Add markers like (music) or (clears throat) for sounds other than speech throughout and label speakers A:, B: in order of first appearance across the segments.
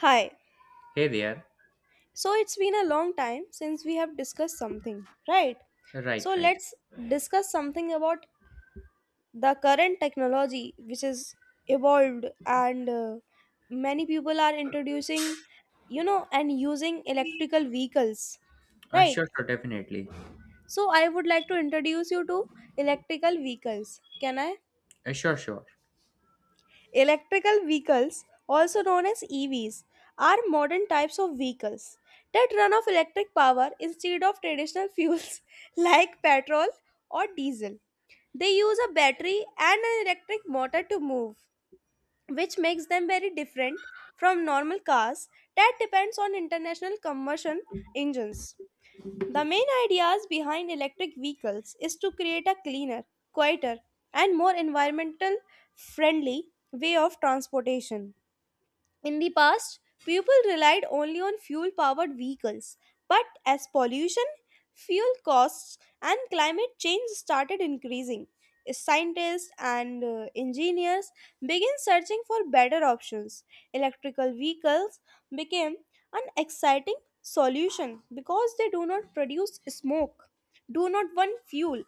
A: Hi.
B: Hey there.
A: So it's been a long time since we have discussed something, right? So
B: Right, right.
A: let's discuss something about the current technology which is evolved and many people are introducing, and using electrical vehicles,
B: Uh,
A: right?
B: sure, sure, definitely.
A: So I would like to introduce you to electrical vehicles. Can I?
B: Sure, sure.
A: Electrical vehicles, also known as EVs, are modern types of vehicles that run off electric power instead of traditional fuels (laughs) like petrol or diesel. They use a battery and an electric motor to move, which makes them very different from normal cars that depends on international combustion engines. The main ideas behind electric vehicles is to create a cleaner, quieter, and more environmental friendly way of transportation. In the past, people relied only on fuel powered vehicles, but as pollution, fuel costs, and climate change started increasing, scientists and engineers began searching for better options. Electrical vehicles became an exciting solution because they do not produce smoke, do not burn fuel,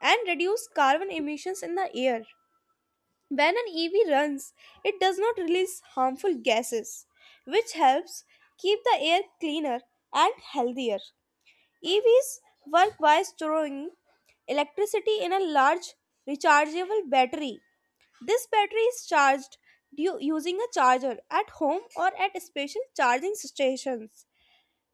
A: and reduce carbon emissions in the air. When an EV runs, it does not release harmful gases, which helps keep the air cleaner and healthier. EVs work by storing electricity in a large rechargeable battery. This battery is charged using a charger at home or at special charging stations.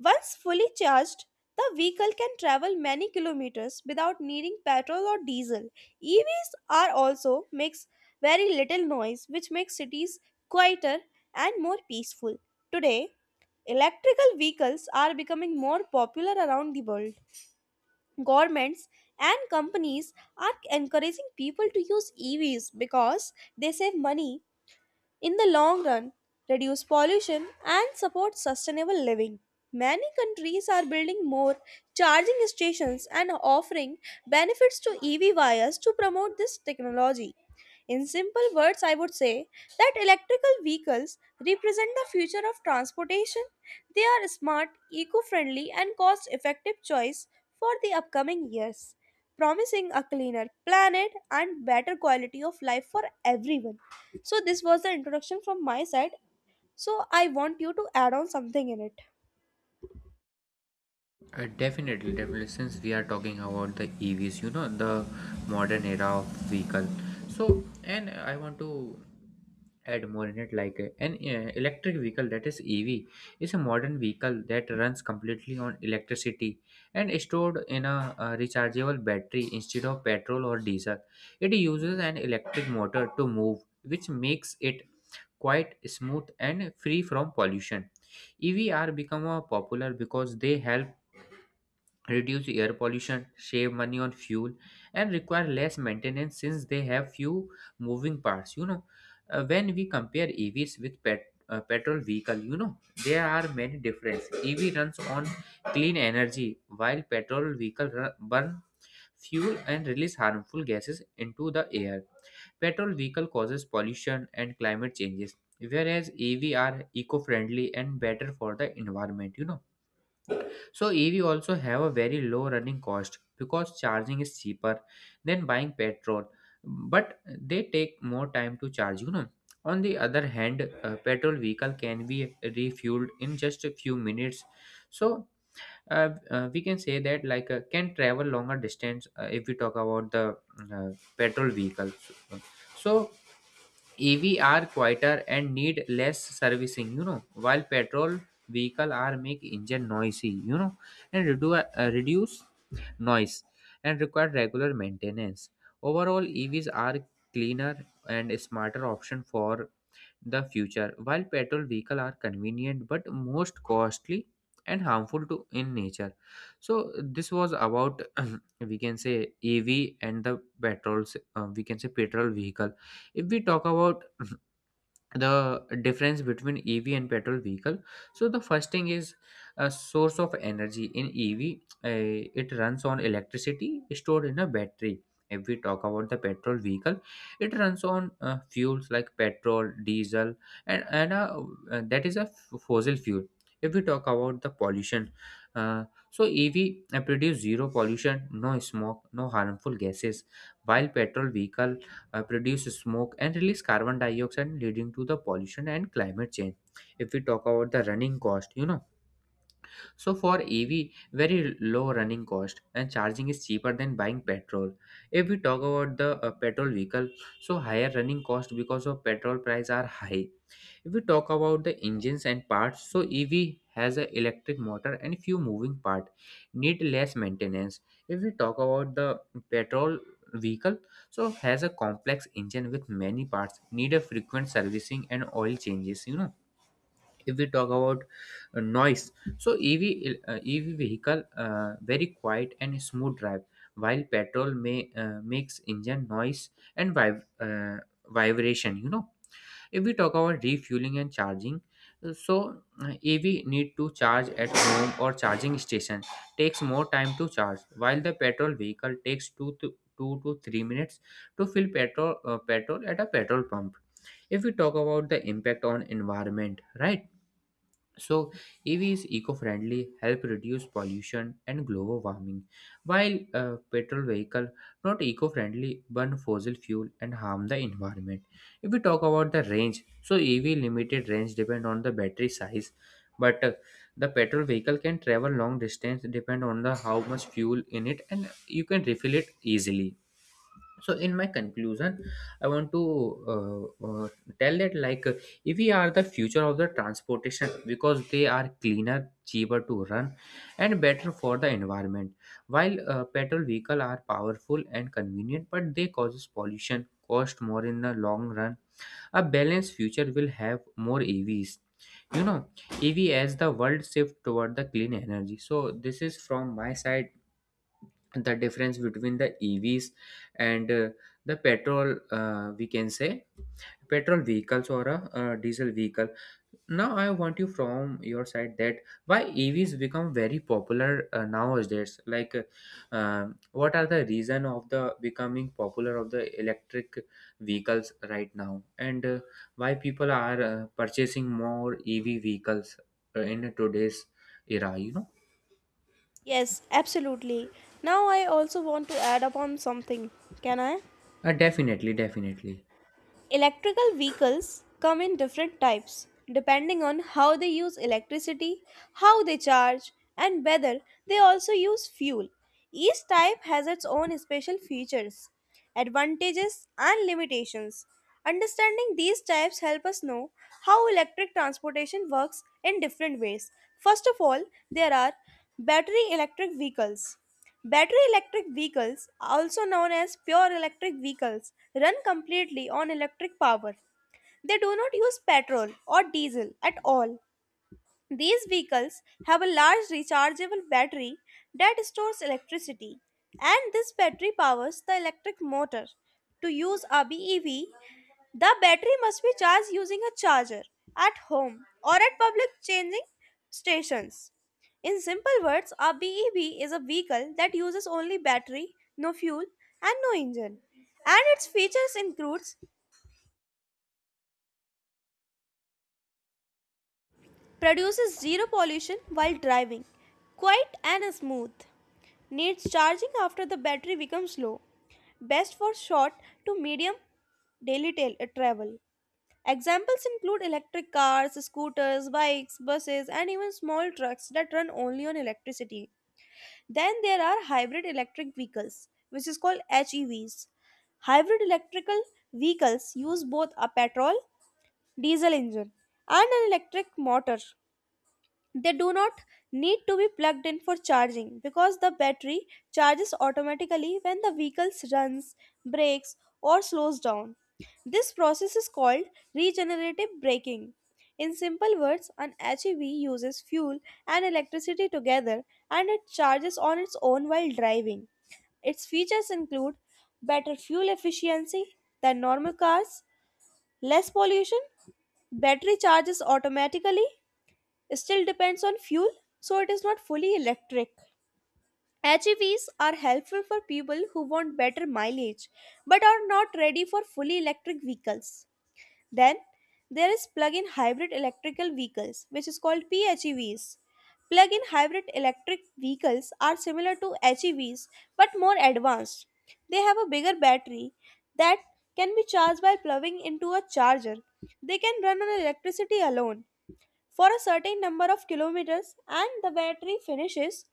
A: Once fully charged, the vehicle can travel many kilometers without needing petrol or diesel. EVs are also makes very little noise, which makes cities quieter and more peaceful. Today, electrical vehicles are becoming more popular around the world. Governments and companies are encouraging people to use EVs because they save money in the long run, reduce pollution and support sustainable living. Many countries are building more charging stations and offering benefits to EV buyers to promote this technology. In simple words, I would say that electrical vehicles represent the future of transportation. They are a smart, eco friendly, and cost effective choice for the upcoming years promising a cleaner planet and better quality of life for everyone. So, this was the introduction from my side. So, I want you to add on something in it.
B: Definitely, definitely. Since we are talking about the EVs, the modern era of vehicle. So, and I want to add more in it like an electric vehicle, that is EV, is a modern vehicle that runs completely on electricity and is stored in a, rechargeable battery instead of petrol or diesel. It uses an electric motor to move, which makes it quite smooth and free from pollution. EV are become a popular because they help reduce air pollution, save money on fuel, and require less maintenance since they have few moving parts. When we compare EVs with petrol vehicle, there are many differences. EV runs on clean energy, while burn fuel and release harmful gases into the air. Petrol vehicle causes pollution and climate changes, whereas EV are eco-friendly and better for the environment. So EV also have a very low running cost because charging is cheaper than buying petrol, but they take more time to charge, On the other hand, a petrol vehicle can be refueled in just a few minutes. So we can say that can travel longer distance, if we talk about the petrol vehicle. So EV are quieter and need less servicing, while petrol vehicle are make engine noisy, and reduce noise and require regular maintenance. Overall, EVs are cleaner and smarter option for the future, while petrol vehicle are convenient but most costly and harmful to in nature. So this was about (clears throat) we can say EV and the petrols. We can say petrol vehicle. If we talk about (clears throat) the difference between EV and petrol vehicle, so the first thing is a source of energy in EV. It runs on electricity stored in a battery. If we talk about the petrol vehicle, it runs on fuels like petrol, diesel, and that is a fossil fuel. If we talk about the pollution uh, so ev produce zero pollution, no smoke, no harmful gases, while petrol vehicle produce smoke and release carbon dioxide leading to the pollution and climate change. If we talk about the running cost, so for EV, very low running cost and charging is cheaper than buying petrol. If we talk about the petrol vehicle, so higher running cost because of petrol price are high. If we talk about the engines and parts, so EV has a electric motor and few moving part, need less maintenance. If we talk about the petrol vehicle, so has a complex engine with many parts, need a frequent servicing and oil changes. If we talk about noise, so EV vehicle, very quiet and smooth drive, while petrol may makes engine noise and vibration. If we talk about refueling and charging, so EV need to charge at home or charging station, takes more time to charge, while the petrol vehicle takes 2 to 3 minutes to fill petrol at a petrol pump. If we talk about the impact on environment, right, so EV is eco-friendly, help reduce pollution and global warming, while petrol vehicle not eco-friendly, burn fossil fuel and harm the environment. If we talk about the range, so EV limited range depend on the battery size, but the petrol vehicle can travel long distance depend on the how much fuel in it and you can refill it easily. So in my conclusion, I want to uh, uh, tell that if we are the future of the transportation because they are cleaner, cheaper to run, and better for the environment, while petrol vehicle are powerful and convenient but they causes pollution, cost more in the long run. A balanced future will have more EVs, you know EV, as the world shift toward the clean energy. So this is from my side, the difference between the EVs and the petrol. We can say petrol vehicles or a, diesel vehicle. Now, I want you from your side, that why EVs become very popular nowadays. Like, what are the reason of the becoming popular of the electric vehicles right now, and why people are purchasing more EV vehicles in today's era? You know,
A: Yes, absolutely. Now, I also want to add upon something. Can I?
B: uh, Definitely, definitely.
A: Electrical vehicles come in different types depending on how they use electricity, how they charge, and whether they also use fuel. Each type has its own special features, advantages, and limitations. Understanding these types help us know how electric transportation works in different ways. First of all, there are battery electric vehicles. Battery electric vehicles, also known as pure electric vehicles, run completely on electric power. They do not use petrol or diesel at all. These vehicles have a large rechargeable battery that stores electricity, and this battery powers the electric motor. To use a BEV, the battery must be charged using a charger at home or at public changing stations. In simple words, a BEV is a vehicle that uses only battery, no fuel, and no engine. And its features includes produces zero pollution while driving. Quiet and smooth. Needs charging after the battery becomes low. Best for short to medium daily travel. Examples include electric cars, scooters, bikes, buses, and even small trucks that run only on electricity. Then there are hybrid electric vehicles, which is called HEVs. Hybrid electrical vehicles use both a petrol diesel engine and an electric motor. They do not need to be plugged in for charging because the battery charges automatically when the vehicle runs, brakes, or slows down. This process is called regenerative braking. In simple words, an HEV uses fuel and electricity together and it charges on its own while driving. Its features include better fuel efficiency than normal cars, less pollution, battery charges automatically, still depends on fuel, so it is not fully electric. HEVs are helpful for people who want better mileage but are not ready for fully electric vehicles. Then there is plug-in hybrid electrical vehicles which is called PHEVs. Plug-in hybrid electric vehicles are similar to HEVs but more advanced. They have a bigger battery that can be charged by plugging into a charger. They can run on electricity alone for a certain number of kilometers and the battery finishes,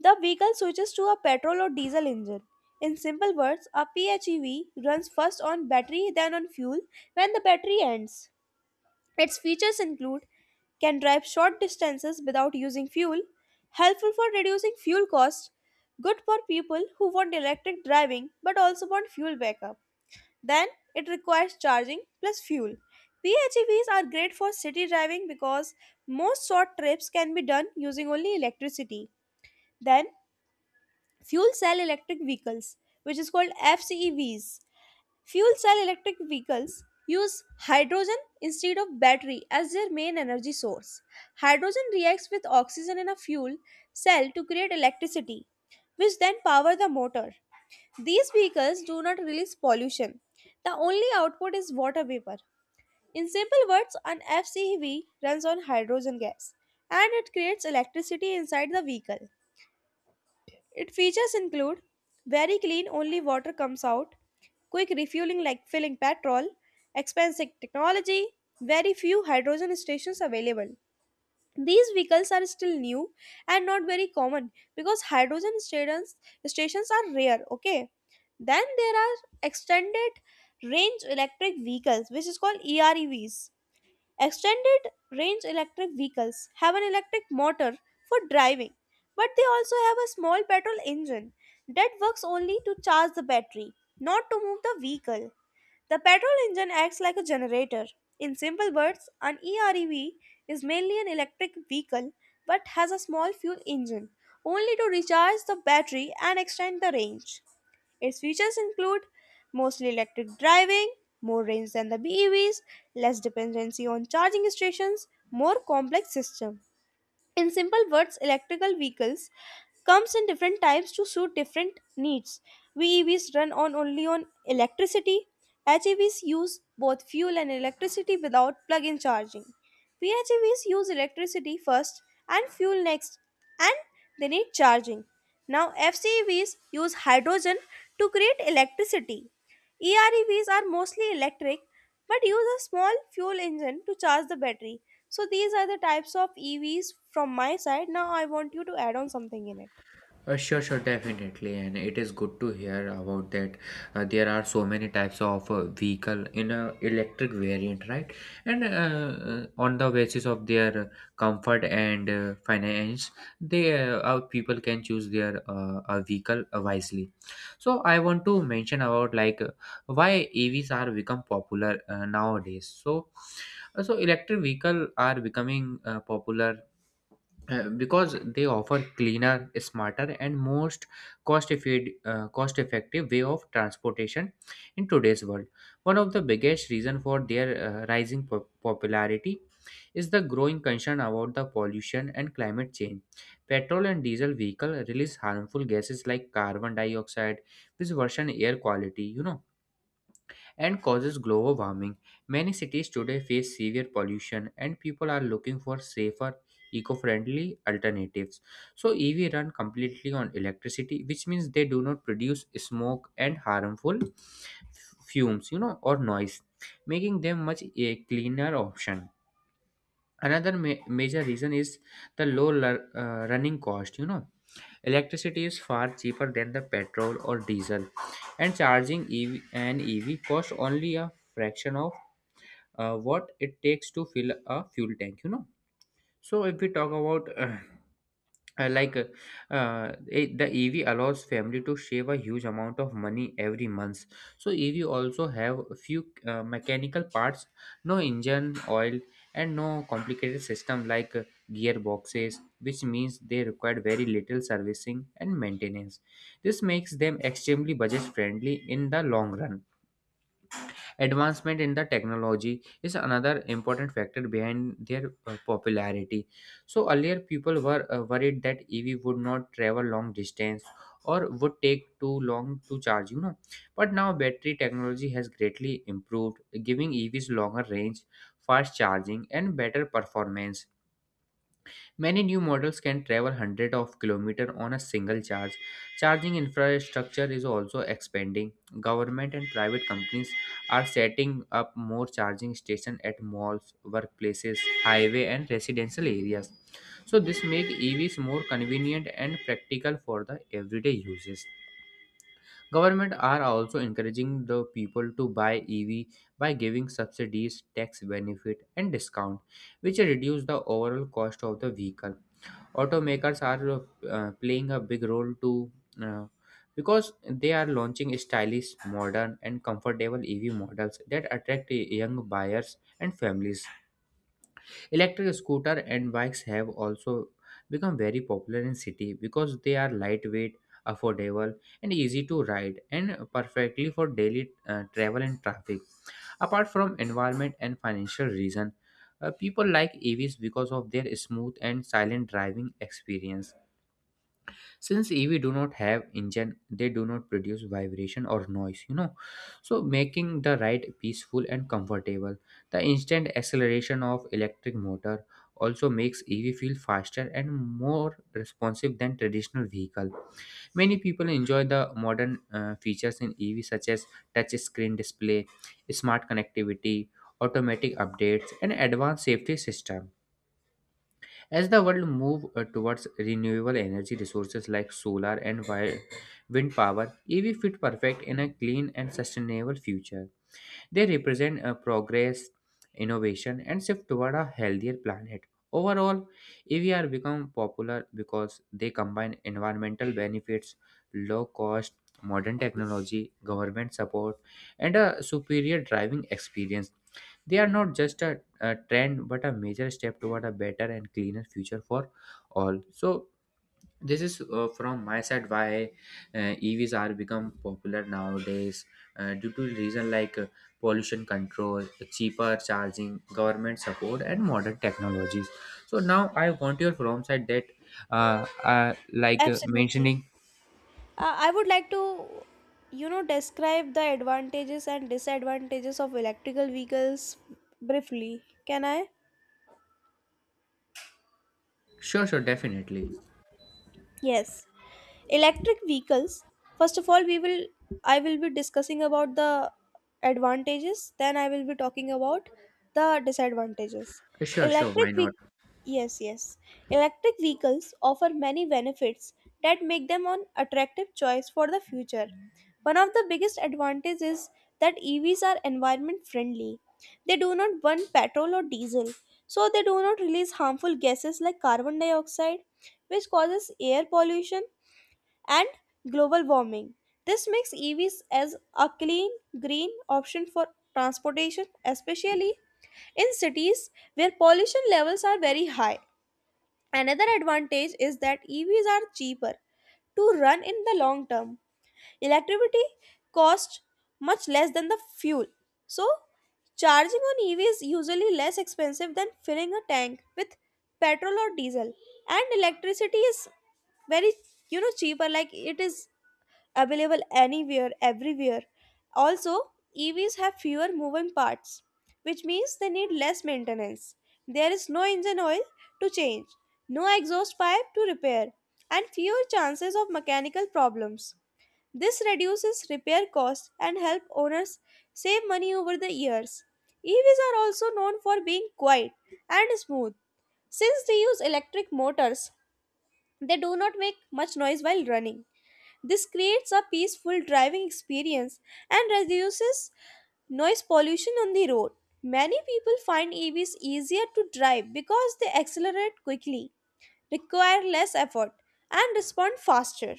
A: the vehicle switches to a petrol or diesel engine. In simple words, a PHEV runs first on battery then on fuel when the battery ends. Its features include can drive short distances without using fuel, helpful for reducing fuel costs, good for people who want electric driving but also want fuel backup. Then it requires charging plus fuel. PHEVs are great for city driving because most short trips can be done using only electricity. Then fuel cell electric vehicles, which is called FCEVs. Fuel cell electric vehicles use hydrogen instead of battery as their main energy source. Hydrogen reacts with oxygen in a fuel cell to create electricity, which then power the motor. These vehicles do not release pollution. The only output is water vapor. In simple words, an FCV runs on hydrogen gas and it creates electricity inside the vehicle. Its features include very clean, only water comes out, quick refueling like filling petrol, expensive technology, very few hydrogen stations available, these vehicles are still new and not very common because hydrogen stations are rare. Okay, then there are extended range electric vehicles, which is called EREVs. Extended range electric vehicles have an electric motor for driving, but they also have a small petrol engine that works only to charge the battery, not to move the vehicle. The petrol engine acts like a generator. In simple words, an EREV is mainly an electric vehicle but has a small fuel engine only to recharge the battery and extend the range. Its features include mostly electric driving, more range than the BEVs, less dependency on charging stations, more complex system. In simple words, electrical vehicles comes in different types to suit different needs. VEVs run on only on electricity. HEVs use both fuel and electricity without plug-in charging. PHEVs use electricity first and fuel next and they need charging. Now, FCEVs use hydrogen to create electricity. EREVs are mostly electric but use a small fuel engine to charge the battery. So, these are the types of EVs from my side. Now, I want you to add on something in it.
B: Sure, sure, definitely, and it is good to hear about that. There are so many types of vehicle in a electric variant, right? And on the basis of their comfort and finance, they people can choose their vehicle wisely. So I want to mention about why EVs are become popular nowadays. So electric vehicle are becoming popular because they offer cleaner, smarter, and most cost effi cost effective way of transportation in today's world. One of the biggest reason for their rising popularity is the growing concern about the pollution and climate change. Petrol and diesel vehicle release harmful gases like carbon dioxide, which worsen air quality, and causes global warming. Many cities today face severe pollution, and people are looking for safer, eco friendly alternatives. So, EV run completely on electricity, which means they do not produce smoke and harmful fumes, or noise, making them much a cleaner option. Another major reason is the low running cost, Electricity is far cheaper than the petrol or diesel, and charging EV, an EV costs only a fraction of what it takes to fill a fuel tank, So, if we talk about uh, like uh, uh, the EV allows family to save a huge amount of money every month. So ev also have a few mechanical parts, no engine oil, and no complicated system like gearboxes, which means they require very little servicing and maintenance. This makes them extremely budget friendly in the long run. Advancement in the technology is another important factor behind their popularity. So earlier people were worried that EV would not travel long distance or would take too long to charge, But now battery technology has greatly improved, giving EVs longer range, fast charging, and better performance. Many new models can travel hundreds of kilometers on a single charge. Charging infrastructure is also expanding. Government and private companies are setting up more charging stations at malls, workplaces, highway, and residential areas. So this makes EVs more convenient and practical for the everyday uses. Government are also encouraging the people to buy EV by giving subsidies, tax benefit, and discount, which reduce the overall cost of the vehicle. Automakers are playing a big role too, uh, because they are launching stylish, modern, and comfortable ev models that attract young buyers and families. Electric scooter and bikes have also become very popular in city because they are lightweight, affordable, and easy to ride, and perfectly for daily travel and traffic. Apart from environment and financial reason, people like EVs because of their smooth and silent driving experience. Since EV do not have engine, they do not produce vibration or noise, so making the ride peaceful and comfortable. The instant acceleration of electric motor also makes ev feel faster and more responsive than traditional vehicle. Many people enjoy the modern features in EV such as touch screen display, smart connectivity, automatic updates, and advanced safety system. As the world moves towards renewable energy resources like solar and wind power, EV fit perfect in a clean and sustainable future. They represent a progress, innovation, and shift toward a healthier planet. Overall, EVR become popular because they combine environmental benefits, low cost, modern technology, government support, and a superior driving experience. They are not just a trend but a major step toward a better and cleaner future for all. So, this is from my side why uh, evs are become popular nowadays due to reason like pollution control, cheaper charging, government support, and modern technologies. So now I want your from side that
A: Absolutely.
B: mentioning
A: I would like to, describe the advantages and disadvantages of electrical vehicles briefly. Can I?
B: sure, sure, definitely,
A: Yes, electric vehicles. First of all, we will I will be discussing about the advantages. Then I will be talking about the disadvantages.
B: sure, sure,
A: Electric
B: why not.
A: ve- Yes, yes. Electric vehicles offer many benefits that make them an attractive choice for the future. One of the biggest advantages is that EVs are environment friendly. They do not burn petrol or diesel, so they do not release harmful gases like carbon dioxide which causes air pollution and global warming. This makes EVs as a clean, green option for transportation, especially in cities where pollution levels are very high. Another advantage is that EVs are cheaper to run in the long term. Electricity costs much less than the fuel, so charging on EV is usually less expensive than filling a tank with petrol or diesel, and electricity is very, cheaper, like it is available anywhere, everywhere. Also, EVs have fewer moving parts, which means they need less maintenance. There is no engine oil to change, no exhaust pipe to repair, and fewer chances of mechanical problems. This reduces repair costs and help owners save money over the years. EVs are also known for being quiet and smooth. Since they use electric motors, they do not make much noise while running. This creates a peaceful driving experience and reduces noise pollution on the road. Many people find EVs easier to drive because they accelerate quickly, require less effort, and respond faster.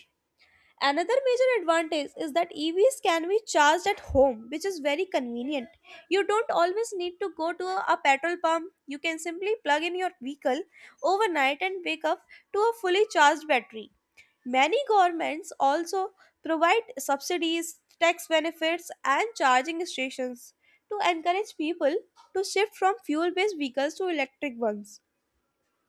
A: Another major advantage is that EVs can be charged at home, which is very convenient. You don't always need to go to a petrol pump. You can simply plug in your vehicle overnight and wake up to a fully charged battery. Many governments also provide subsidies, tax benefits, and charging stations to encourage people to shift from fuel based vehicles to electric ones.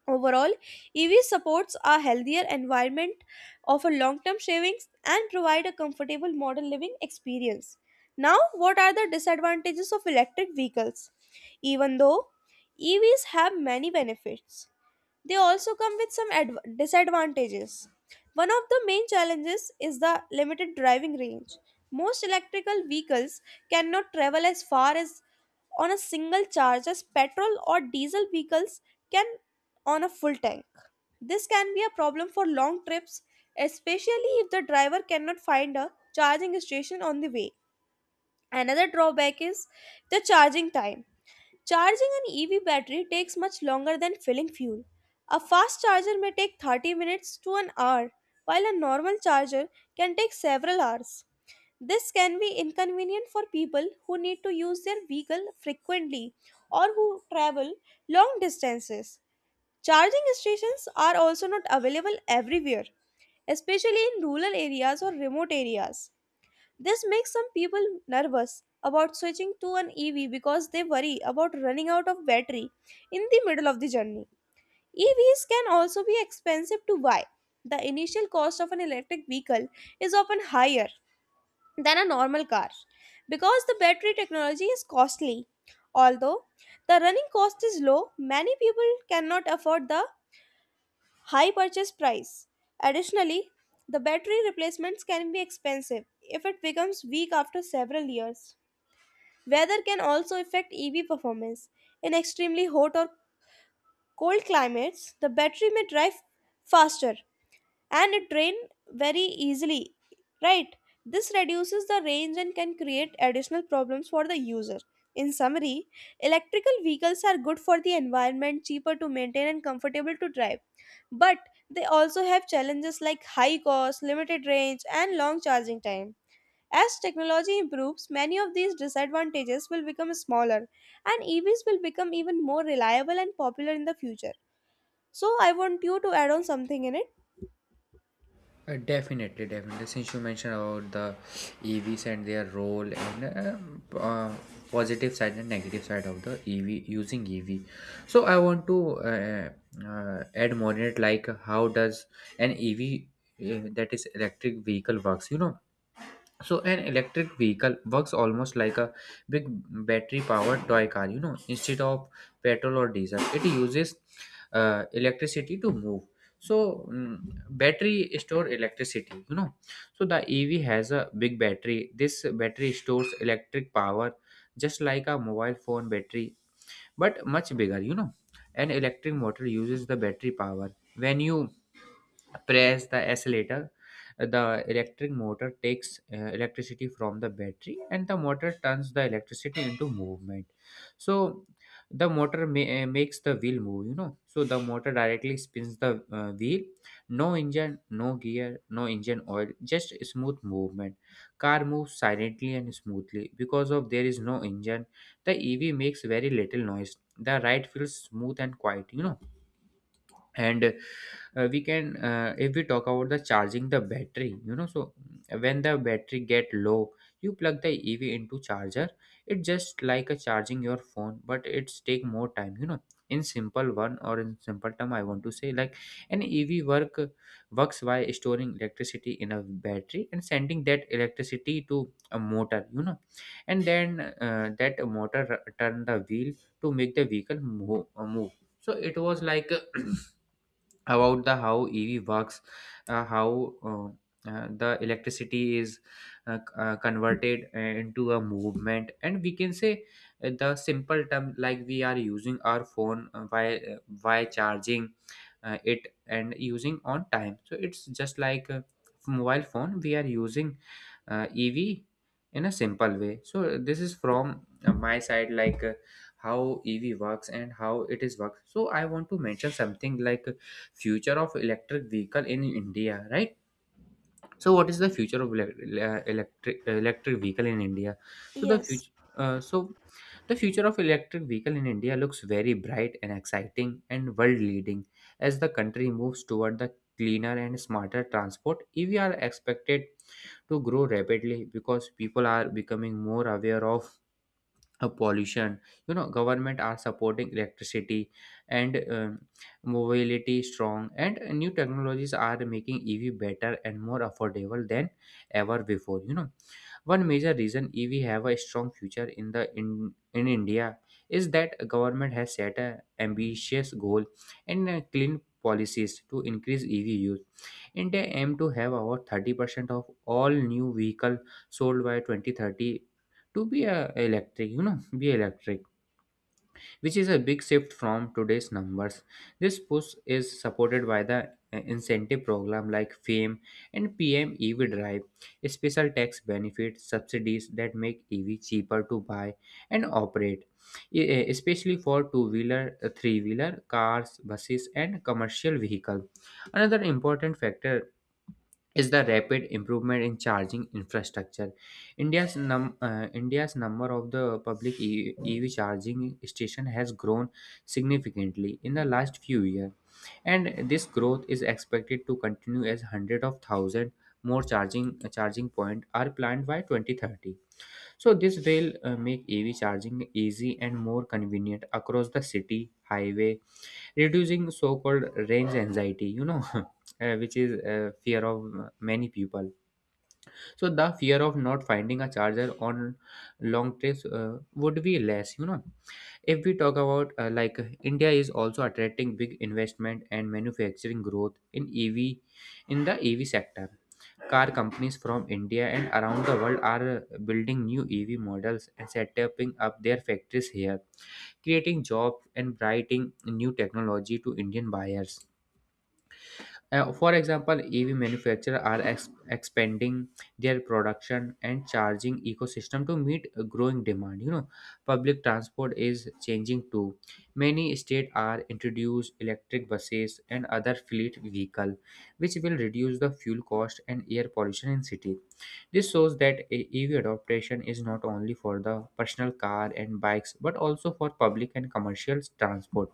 A: Overall, EV supports a healthier environment, offer long-term savings, and provide a comfortable modern living experience. Now, what are the disadvantages of electric vehicles? Even though EVs have many benefits, they also come with some disadvantages. One of the main challenges is the limited driving range. Most electrical vehicles cannot travel as far as on a single charge as petrol or diesel vehicles can on a full tank. This can be a problem for long trips, especially if the driver cannot find a charging station on the way. Another drawback is the charging time. Charging an EV battery takes much longer than filling fuel. A fast charger may take 30 minutes to an hour, while a normal charger can take several hours. This can be inconvenient for people who need to use their vehicle frequently or who travel long distances. Charging stations are also not available everywhere, especially in rural areas or remote areas. This makes some people nervous about switching to an EV because they worry about running out of battery in the middle of the journey. EVs can also be expensive to buy. The initial cost of an electric vehicle is often higher than a normal car because the battery technology is costly. Although the running cost is low, many people cannot afford the high purchase price. Additionally, the battery replacements can be expensive if it becomes weak after several years. Weather can also affect EV performance. In extremely hot or cold climates, the battery may drive faster and train very easily, right? This reduces the range and can create additional problems for the user. In summary, electrical vehicles are good for the environment, cheaper to maintain, and comfortable to drive. But they also have challenges like high cost, limited range, and long charging time. As technology improves, many of these disadvantages will become smaller, and EVs will become even more reliable and popular in the future. So, I want you to add on something in it.
B: Definitely, definitely. Since you mentioned about the EVs and their role and positive side and negative side of the EV using EV, so I want to add more in it. Like how does an EV, that is electric vehicle, works? So an electric vehicle works almost like a big battery powered toy car, instead of petrol or diesel. It uses electricity to move. So battery store electricity, So the EV has a big battery. This battery stores electric power just like a mobile phone battery, but much bigger, you know. An electric motor uses the battery power. When you press the accelerator, the electric motor takes electricity from the battery, and the motor turns the electricity into movement. So the makes the wheel move, you know. So the motor directly spins the wheel. No engine, no gear, no engine oil, just smooth movement. Car moves silently and smoothly because of there is no engine. The EV makes very little noise. The ride feels smooth and quiet, you know. And we can, if we talk about the charging the battery, you know. So when the battery get low, you plug the EV into charger. It's just like a charging your phone, but it's take more time, you know. In simple one or in simple term, I want to say like an ev work works by storing electricity in a battery and sending that electricity to a motor, you know. And then that motor turn the wheel to make the vehicle move. So it was like (clears throat) about the how EV works, how the electricity is converted into a movement. And we can say the simple term like we are using our phone by charging it and using on time. So it's just like a mobile phone. We are using EV in a simple way. So this is from my side, like. How EV works and how it is works. So I want to mention something like future of electric vehicle in India, right? So, what is the future of electric vehicle in India? So the
A: Yes.
B: future. So the future of electric vehicle in India looks very bright and exciting and world leading, as the country moves toward the cleaner and smarter transport. EV are expected to grow rapidly because people are becoming more aware of pollution, you know. Government are supporting electricity and mobility strong, and new technologies are making EV better and more affordable than ever before, you know. One major reason EV have a strong future in the in India is that government has set a ambitious goal and clean policies to increase EV use. India aim to have about 30% of all new vehicle sold by 2030 to be electric, you know, be electric, which is a big shift from today's numbers. This push is supported by the incentive program like FAME and PM EV Drive, special tax benefits, subsidies that make EV cheaper to buy and operate, especially for two-wheeler, three-wheeler, cars, buses, and commercial vehicle. Another important factor is the rapid improvement in charging infrastructure. India's number of the public EV charging station has grown significantly in the last few years, and this growth is expected to continue as hundreds of thousand more charging point are planned by 2030. So this will make EV charging easy and more convenient across the city, highway, reducing so called range anxiety, you know. (laughs) Which is fear of many people. So the fear of not finding a charger on long trips would be less, you know. If we talk about, like, India is also attracting big investment and manufacturing growth in EV, in the EV sector. Car companies from India and around the world are building new EV models and setting up their factories here, creating jobs and brightening new technology to Indian buyers. For example, EV manufacturers are expanding their production and charging ecosystem to meet a growing demand. You know, public transport is changing too. Many states are introduced electric buses and other fleet vehicle, which will reduce the fuel cost and air pollution in city. This shows that a EV adoption is not only for the personal car and bikes, but also for public and commercial transport.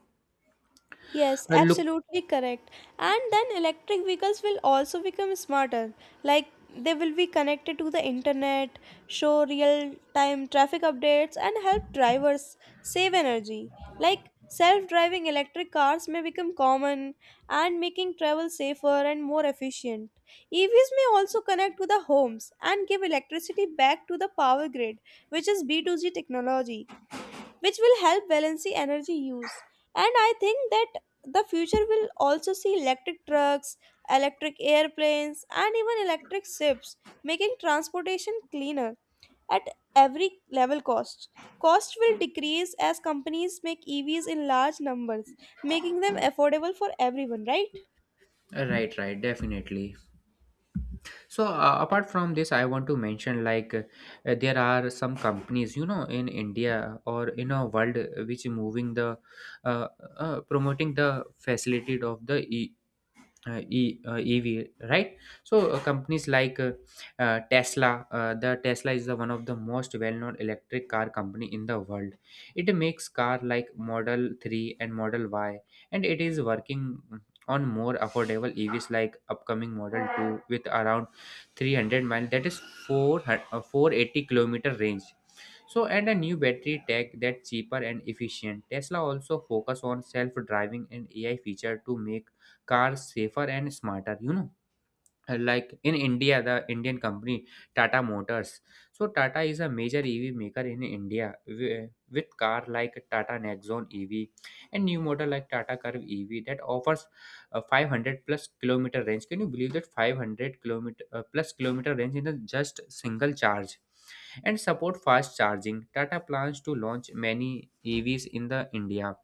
A: Yes,
B: Look,
A: absolutely correct. And then electric vehicles will also become smarter. Like they will be connected to the internet, show real time traffic updates, and help drivers save energy. Like self driving electric cars may become common and making travel safer and more efficient. EVs may also connect to the homes and give electricity back to the power grid, which is B2G technology which will help balance the energy use. And I think that the future will also see electric trucks, electric airplanes, and even electric ships, making transportation cleaner at every level cost. Cost will decrease as companies make EVs in large numbers, making them affordable for everyone, right?
B: right, right, definitely. So apart from this, I want to mention, like, there are some companies, you know, in India or in a world, which moving the uh, promoting the facility of the EV, right? So companies like the Tesla is the one of the most well-known electric car company in the world. It makes car like Model 3 and Model Y, and it is working on more affordable EVs like upcoming Model 2 with around 300 mile, that is 4 480-kilometer range. So, and a new battery tech that's cheaper and efficient. Tesla also focus on self-driving and AI feature to make cars safer and smarter, you know. Like in India, the Indian company Tata Motors. So Tata is a major EV maker in India, wi- with car like Tata Nexon EV and new model like Tata Curve EV that offers a 500 plus kilometer range. Can you believe that 500 kilometer plus kilometer range in a just single charge, and support fast charging? Tata plans to launch many EVs in the India,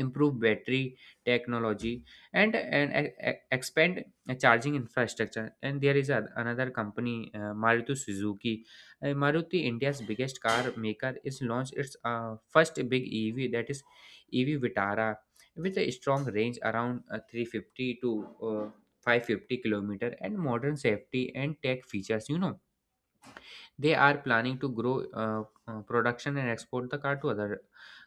B: improve battery technology, expand charging infrastructure. And there is another company, Maruti Suzuki. Maruti, India's biggest car maker, is launched its first big EV, that is EV Vitara, with a strong range around 350 to uh, 550 kilometer and modern safety and tech features, you know. They are planning to grow production and export the car to other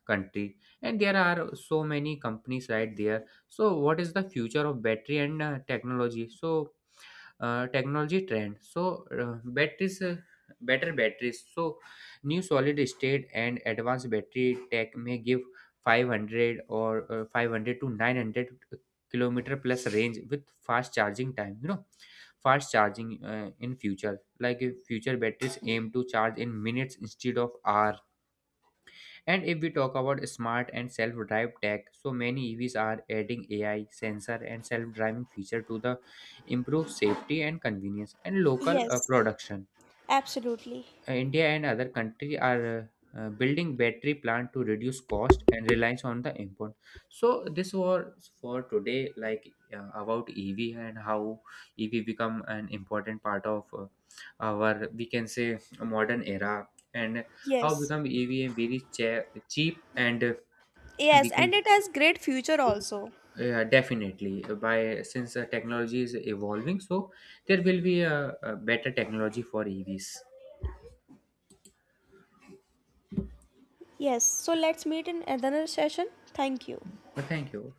B: country. And there are so many companies, right there. So what is the future of battery and technology? So technology trend. So batteries better batteries. So new solid state and advanced battery tech may give 500, or 500 to 900 kilometer plus range with fast charging time, you know. Fast charging, in future, like if future batteries aim to charge in minutes instead of hour. And if we talk about smart and self-drive tech, so many EVs are adding AI, sensor, and self-driving feature to the improve safety and convenience and local
A: Yes,
B: production.
A: absolutely.
B: India and other country are building battery plant to reduce cost and reliance on the import. So this was for today, like, about EV and how EV become an important part of our, we can say, modern era. And how
A: Yes.
B: become EV very cheap and we
A: Yes,
B: can.
A: and it has great future also.
B: Yeah, definitely. By since the technology is evolving, so there will be a better technology for EVs.
A: Yes, so let's meet in another session. Thank you.
B: But thank you.